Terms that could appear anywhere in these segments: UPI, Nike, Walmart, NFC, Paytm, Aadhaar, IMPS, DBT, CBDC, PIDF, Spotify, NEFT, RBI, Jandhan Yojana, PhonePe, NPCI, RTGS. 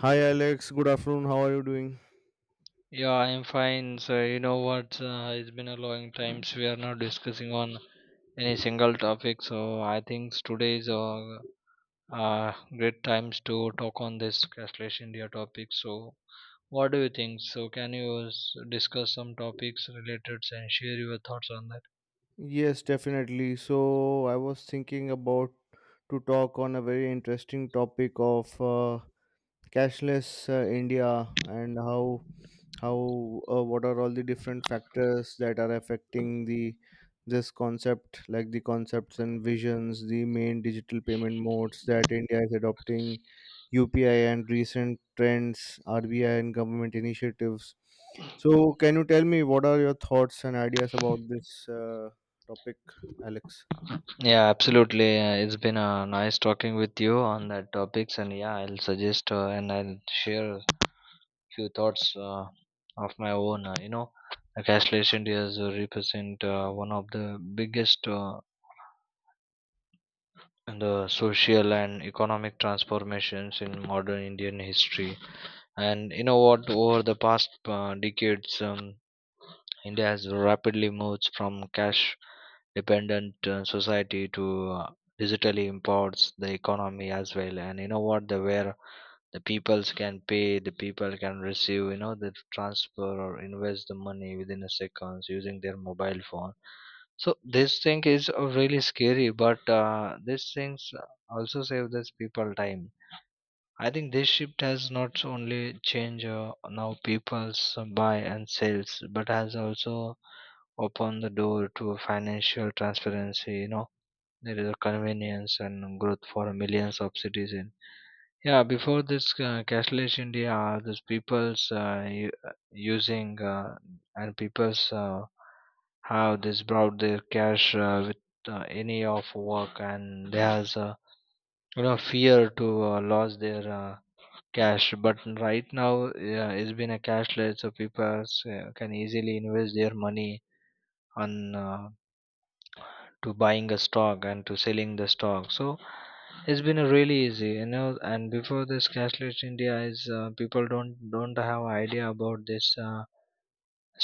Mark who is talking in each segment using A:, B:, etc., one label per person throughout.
A: Hi Alex, good afternoon. How are you doing?
B: Yeah, I'm fine. So you know what? It's been a long time. So we are not discussing on any single topic. So I think today is a great times to talk on this cashless India topic. So what do you think? So can you discuss some topics related and share your thoughts on that?
A: Yes, definitely. So I was thinking about to talk on a very interesting topic of cashless India and how what are all the different factors that are affecting the this concept, like the concepts and visions, the main digital payment modes that India is adopting, UPI and recent trends, RBI and government initiatives. So can you tell me what are your thoughts and ideas about this uh, topic, Alex?
B: Yeah, absolutely. It's been nice talking with you on that topics, and yeah, I'll suggest and I'll share few thoughts of my own. Like cashless India is, represent one of the biggest and the social and economic transformations in modern Indian history. And you know what? Over the past decades, India has rapidly moved from cash-dependent society to digitally empowers the economy as well. And you know what? The where the peoples can pay the people can receive the transfer or invest the money within a seconds using their mobile phone. So this thing is really scary, but these things also save this people time. I think this shift has not only changed now people's buy and sales, but has also opened the door to financial transparency. There is a convenience and growth for millions of citizens. Yeah, before this cashless India, these using and people's how this brought their cash with any of work, and there's fear to lose their cash. But right now, yeah, it's been a cashless, so people can easily invest their money on. To buying a stock and to selling the stock, so it's been a really easy. And before this cashless india is people don't have idea about this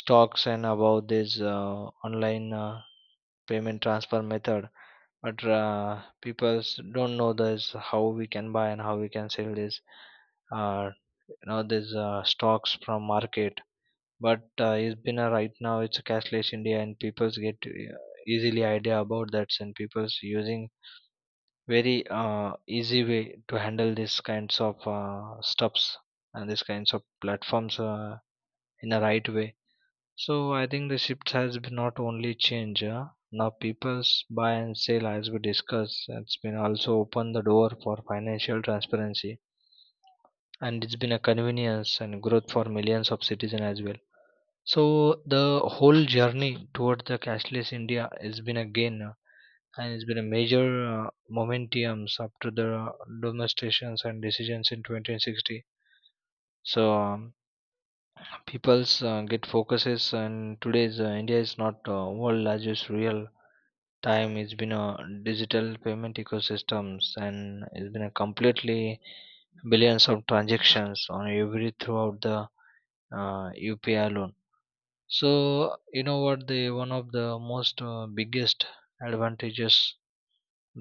B: stocks and about this online payment transfer method, but people don't know this how we can buy and how we can sell this, uh, these stocks from market. But it's been a right now it's a cashless india, and people's get easily idea about that, and people's using very easy way to handle these kinds of stuffs and these kinds of platforms in a right way. So I think the shift has been not only change. Now people's buy and sell, as we discussed, it's been also open the door for financial transparency, and it's been a convenience and growth for millions of citizens as well. So the whole journey toward the cashless India has been a gain, and it's been a major momentums after the demonstrations and decisions in 2060. So people's get focuses, and today's india is not world largest real time. It's been a digital payment ecosystems, and it's been a completely billions of transactions on every throughout the uh, upi alone. So you know what, the one of the most biggest advantages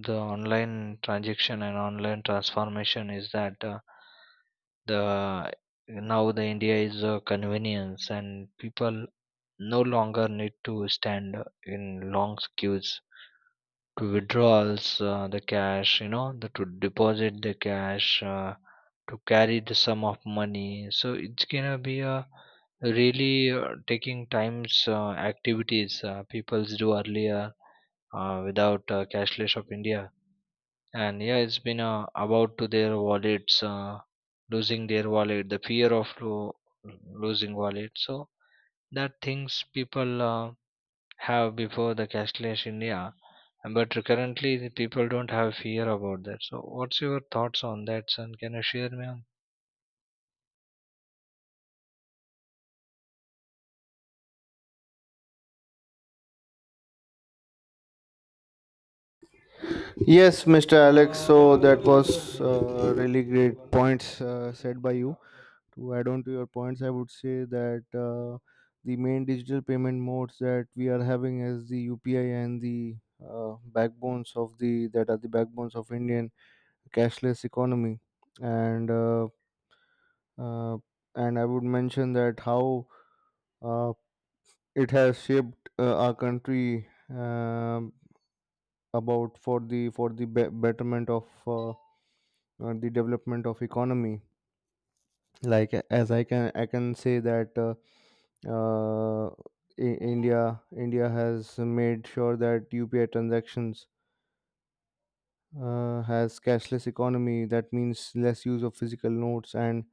B: the online transaction and online transformation is that the now the India is a convenience, and people no longer need to stand in long queues to withdrawals the cash, to deposit the cash, to carry the sum of money. So it's gonna be a really taking times activities peoples do earlier without cashless of india. And yeah, it's been about to their wallets, losing their wallet, the losing wallet. So that things people have before the cashless india. And but currently the people don't have fear about that. So what's your thoughts on that, son? Can you share me on?
A: Yes, Mr. Alex. So that was really great points said by you. To add on to your points, I would say that the main digital payment modes that we are having as the UPI and the backbones of the that are the backbones of Indian cashless economy, and uh, uh, and I would mention that how uh, it has shaped our country about for betterment of the development of economy. Like a- as I can say that. Uh, India has made sure that UPI transactions has cashless economy. That means less use of physical notes and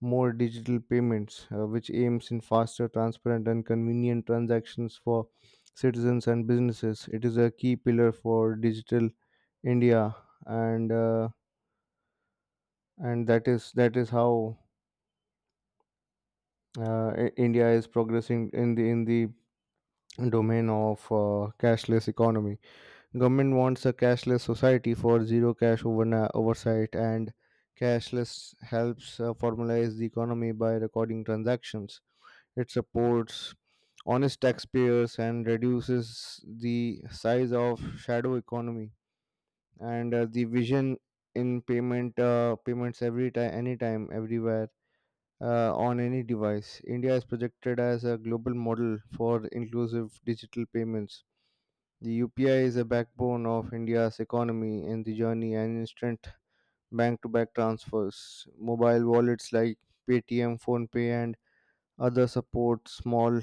A: more digital payments, which aims in faster, transparent, and convenient transactions for citizens and businesses. It is a key pillar for digital India, and uh, and that is how India is progressing in the domain of cashless economy. Government wants a cashless society for zero cash oversight, and cashless helps formalize the economy by recording transactions. It supports honest taxpayers and reduces the size of shadow economy. And the vision in payments every time, anytime, everywhere, on any device. India is projected as a global model for inclusive digital payments. The UPI is a backbone of India's economy and the journey and instant bank to bank transfers. Mobile wallets like Paytm, PhonePe, and other support small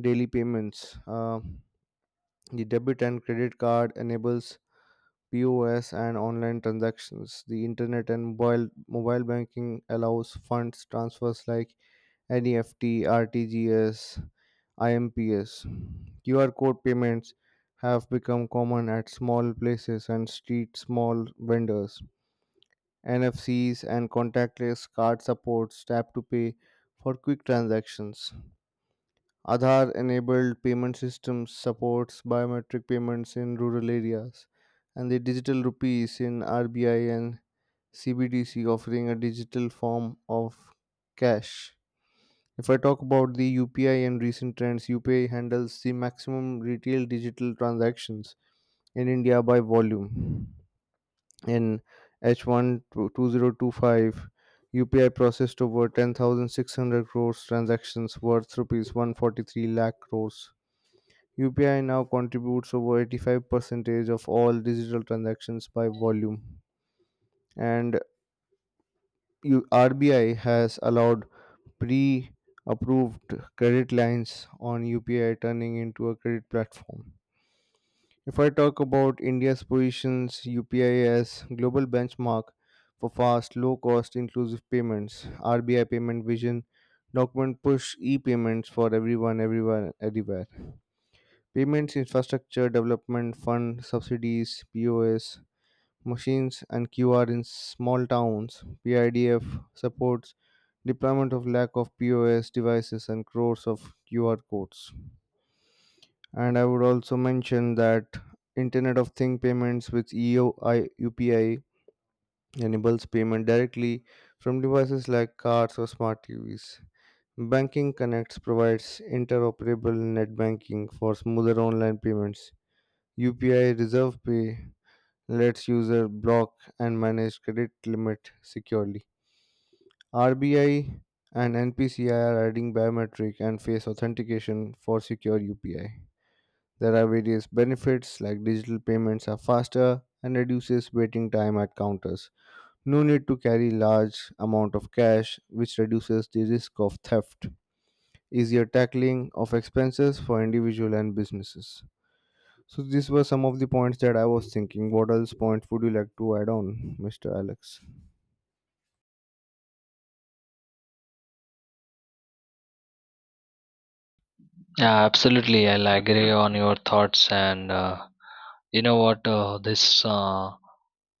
A: daily payments. The debit and credit card enables POS and online transactions. The internet and mobile banking allows funds transfers like NEFT, RTGS, IMPS. QR code payments have become common at small places and street small vendors. NFCs and contactless card supports tap to pay for quick transactions. Aadhaar enabled payment systems supports biometric payments in rural areas, and the digital rupees in RBI and CBDC offering a digital form of cash. If I talk about the UPI and recent trends, UPI handles the maximum retail digital transactions in India by volume. In h H1 2025, UPI processed over 10,600 crores transactions worth rupees 143 lakh crores. UPI now contributes over 85% of all digital transactions by volume. And RBI has allowed pre approved credit lines on UPI, turning into a credit platform. If I talk about India's positions, UPI as global benchmark for fast, low cost, inclusive payments, RBI payment vision document push e-payments for everyone, everyone, everywhere. Payments infrastructure development fund subsidies, POS machines and QR in small towns, PIDF supports deployment of lack of POS devices and crores of QR codes. And I would also mention that Internet of Thing payments with EOI UPI enables payment directly from devices like cars or smart TVs. Banking Connects provides interoperable net banking for smoother online payments. UPI Reserve Pay lets user block and manage credit limit securely. RBI and NPCI are adding biometric and face authentication for secure UPI. There are various benefits like digital payments are faster and reduces waiting time at counters. No need to carry large amount of cash, which reduces the risk of theft. Easier tackling of expenses for individual and businesses. So these were some of the points that I was thinking. What else points would you like to add on, Mr. Alex?
B: Yeah, absolutely. I'll agree on your thoughts. And you know what? This uh,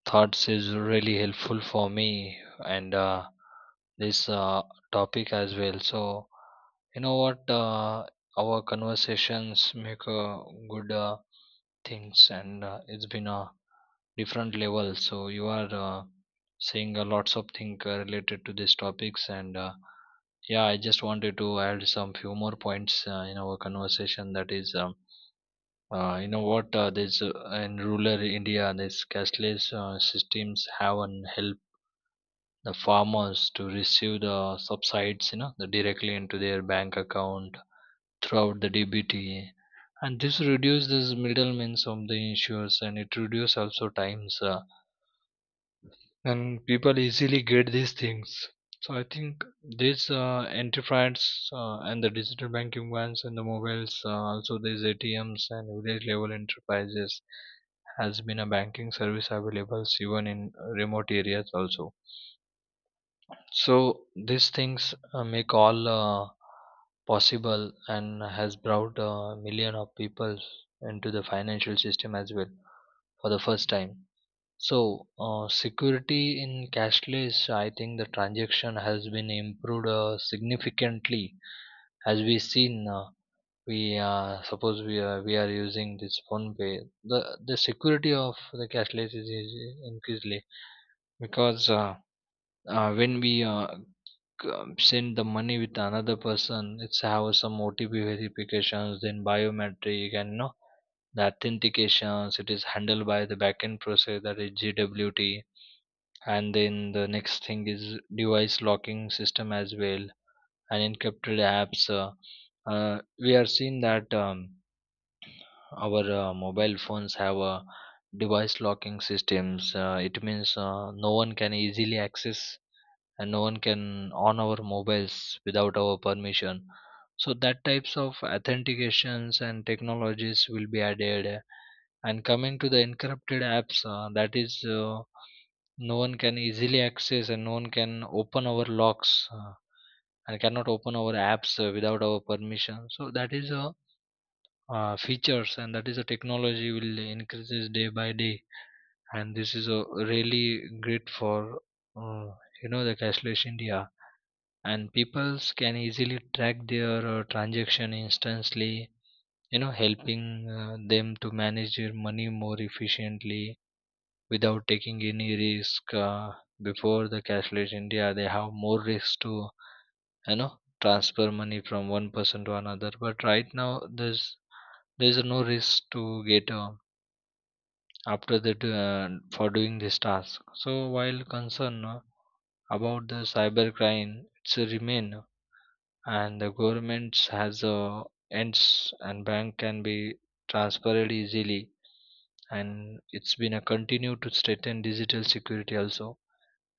B: thoughts is really helpful for me and this topic as well. So you know what, our conversations make good things, and it's been a different level. So you are seeing a lots of things related to these topics. And yeah, I just wanted to add some few more points in our conversation, that is you know what? This in rural India, these cashless systems haven't helped the farmers to receive the subsides, you know, the directly into their bank account throughout the DBT, and this reduces this middlemen of the issues, and it reduces also times. And people easily get these things. So I think these anti-frauds and the digital banking ones and the mobiles, also these ATMs and village level enterprises has been a banking service available even in remote areas also. So these things make all possible and has brought a million of people into the financial system as well for the first time. So, security in cashless, I think the transaction has been improved significantly. As we seen, we suppose we are using this phone pay. The security of the cashless is increasingly, because when we send the money with another person, it's have some OTP verifications, then biometric, and you know the authentications. It is handled by the backend process, that is GWT. And then the next thing is device locking system as well, and encrypted apps. We are seeing that our mobile phones have a device locking systems. It means no one can easily access and no one can on our mobiles without our permission. So that types of authentications and technologies will be added. And coming to the encrypted apps, that is, no one can easily access and no one can open our locks, and cannot open our apps without our permission. So that is a features, and that is a technology will increases day by day. And this is a really great for uh, the cashless India, and peoples can easily track their transaction instantly. You know, helping them to manage their money more efficiently without taking any risk. Before the cashless india, they have more risk to, you know, transfer money from one person to another. But right now, there's there's no risk to get after that for doing this task. So while concern about the cybercrime, it's a remain, and the governments has ends, and bank can be transferred easily, and it's been a continue to strengthen digital security also.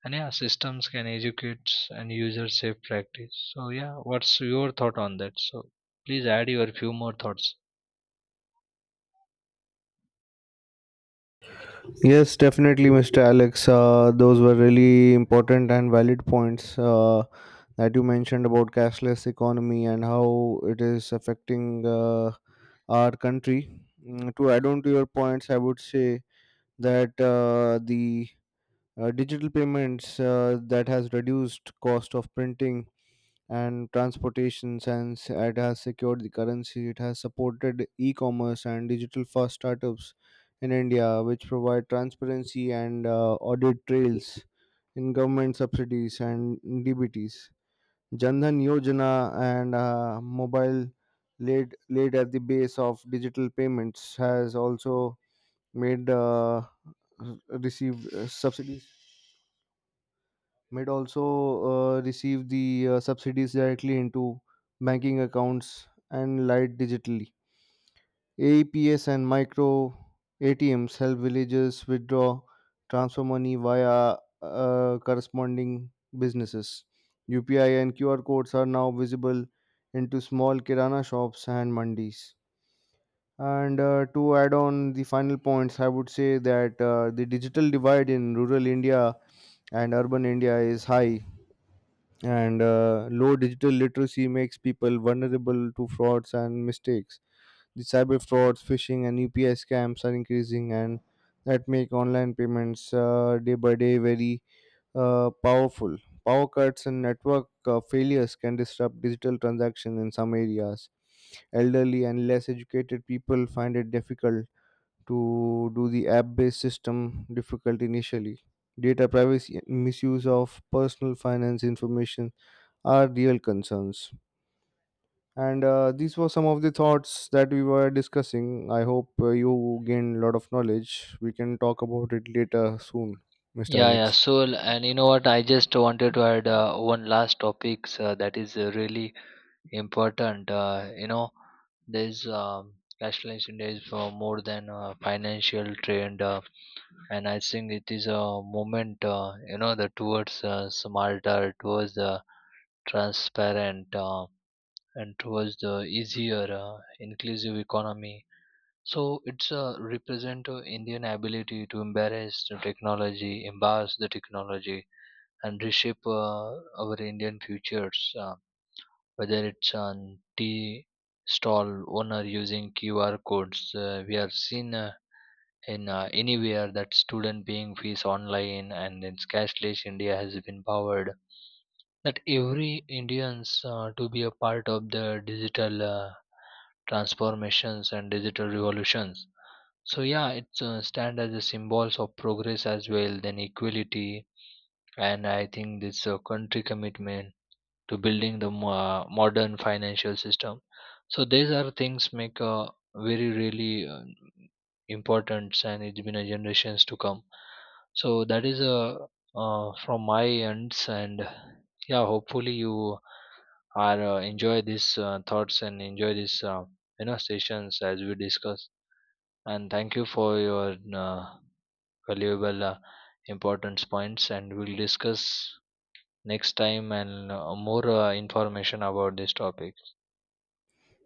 B: And yeah, systems can educate and user safe practice. So yeah, what's your thought on that? So please add your few more thoughts.
A: Yes, definitely, Mr. Alex. Those were really important and valid points that you mentioned about cashless economy and how it is affecting our country. Mm. To add on to your points, I would say that the digital payments that has reduced cost of printing and transportation, since it has secured the currency. It has supported e-commerce and digital-first startups in India, which provide transparency and audit trails in government subsidies and DBTs. Jandhan Yojana and mobile laid at the base of digital payments has also made might also receive the subsidies directly into banking accounts and light digitally. Aps and micro ATMs help villagers withdraw transfer money via corresponding businesses. UPI and QR codes are now visible into small kirana shops and mandis. And to add on the final points, I would say that the digital divide in rural India and urban India is high, and low digital literacy makes people vulnerable to frauds and mistakes. The cyber frauds, phishing, and UPI scams are increasing, and that make online payments day by day very powerful. Power cuts and network failures can disrupt digital transactions in some areas. Elderly and less educated people find it difficult to do the app-based system difficult initially. Data privacy and misuse of personal finance information are real concerns. And these were some of the thoughts that we were discussing. I hope you gained a lot of knowledge. We can talk about it later soon, Mr.
B: Yeah, yeah.
A: Alex.
B: So, and you know what? I just wanted to add one last topics that is really important. You know, there's cashless India is for more than a financial trend, and I think it is a moment. The towards smarter, towards the transparent. And towards the easier inclusive economy. So it's a represent indian ability to embrace the technology and reshape our indian futures, whether it's on tea stall owner using qr codes, we are seen in anywhere that student paying fees online. And it's cashless india has been powered that every Indians to be a part of the digital transformations and digital revolutions. So yeah, it stand as a symbols of progress as well, then equality, and I think this country commitment to building the modern financial system. So these are things make a very really importance, and it's been a generations to come. So that is a from my ends, and yeah, hopefully you I enjoy these thoughts and enjoy these sessions as we discuss. And thank you for your uh, valuable importance points. And we'll discuss next time and more information about this topic.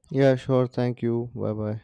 A: Yeah, sure. Thank you. Bye bye.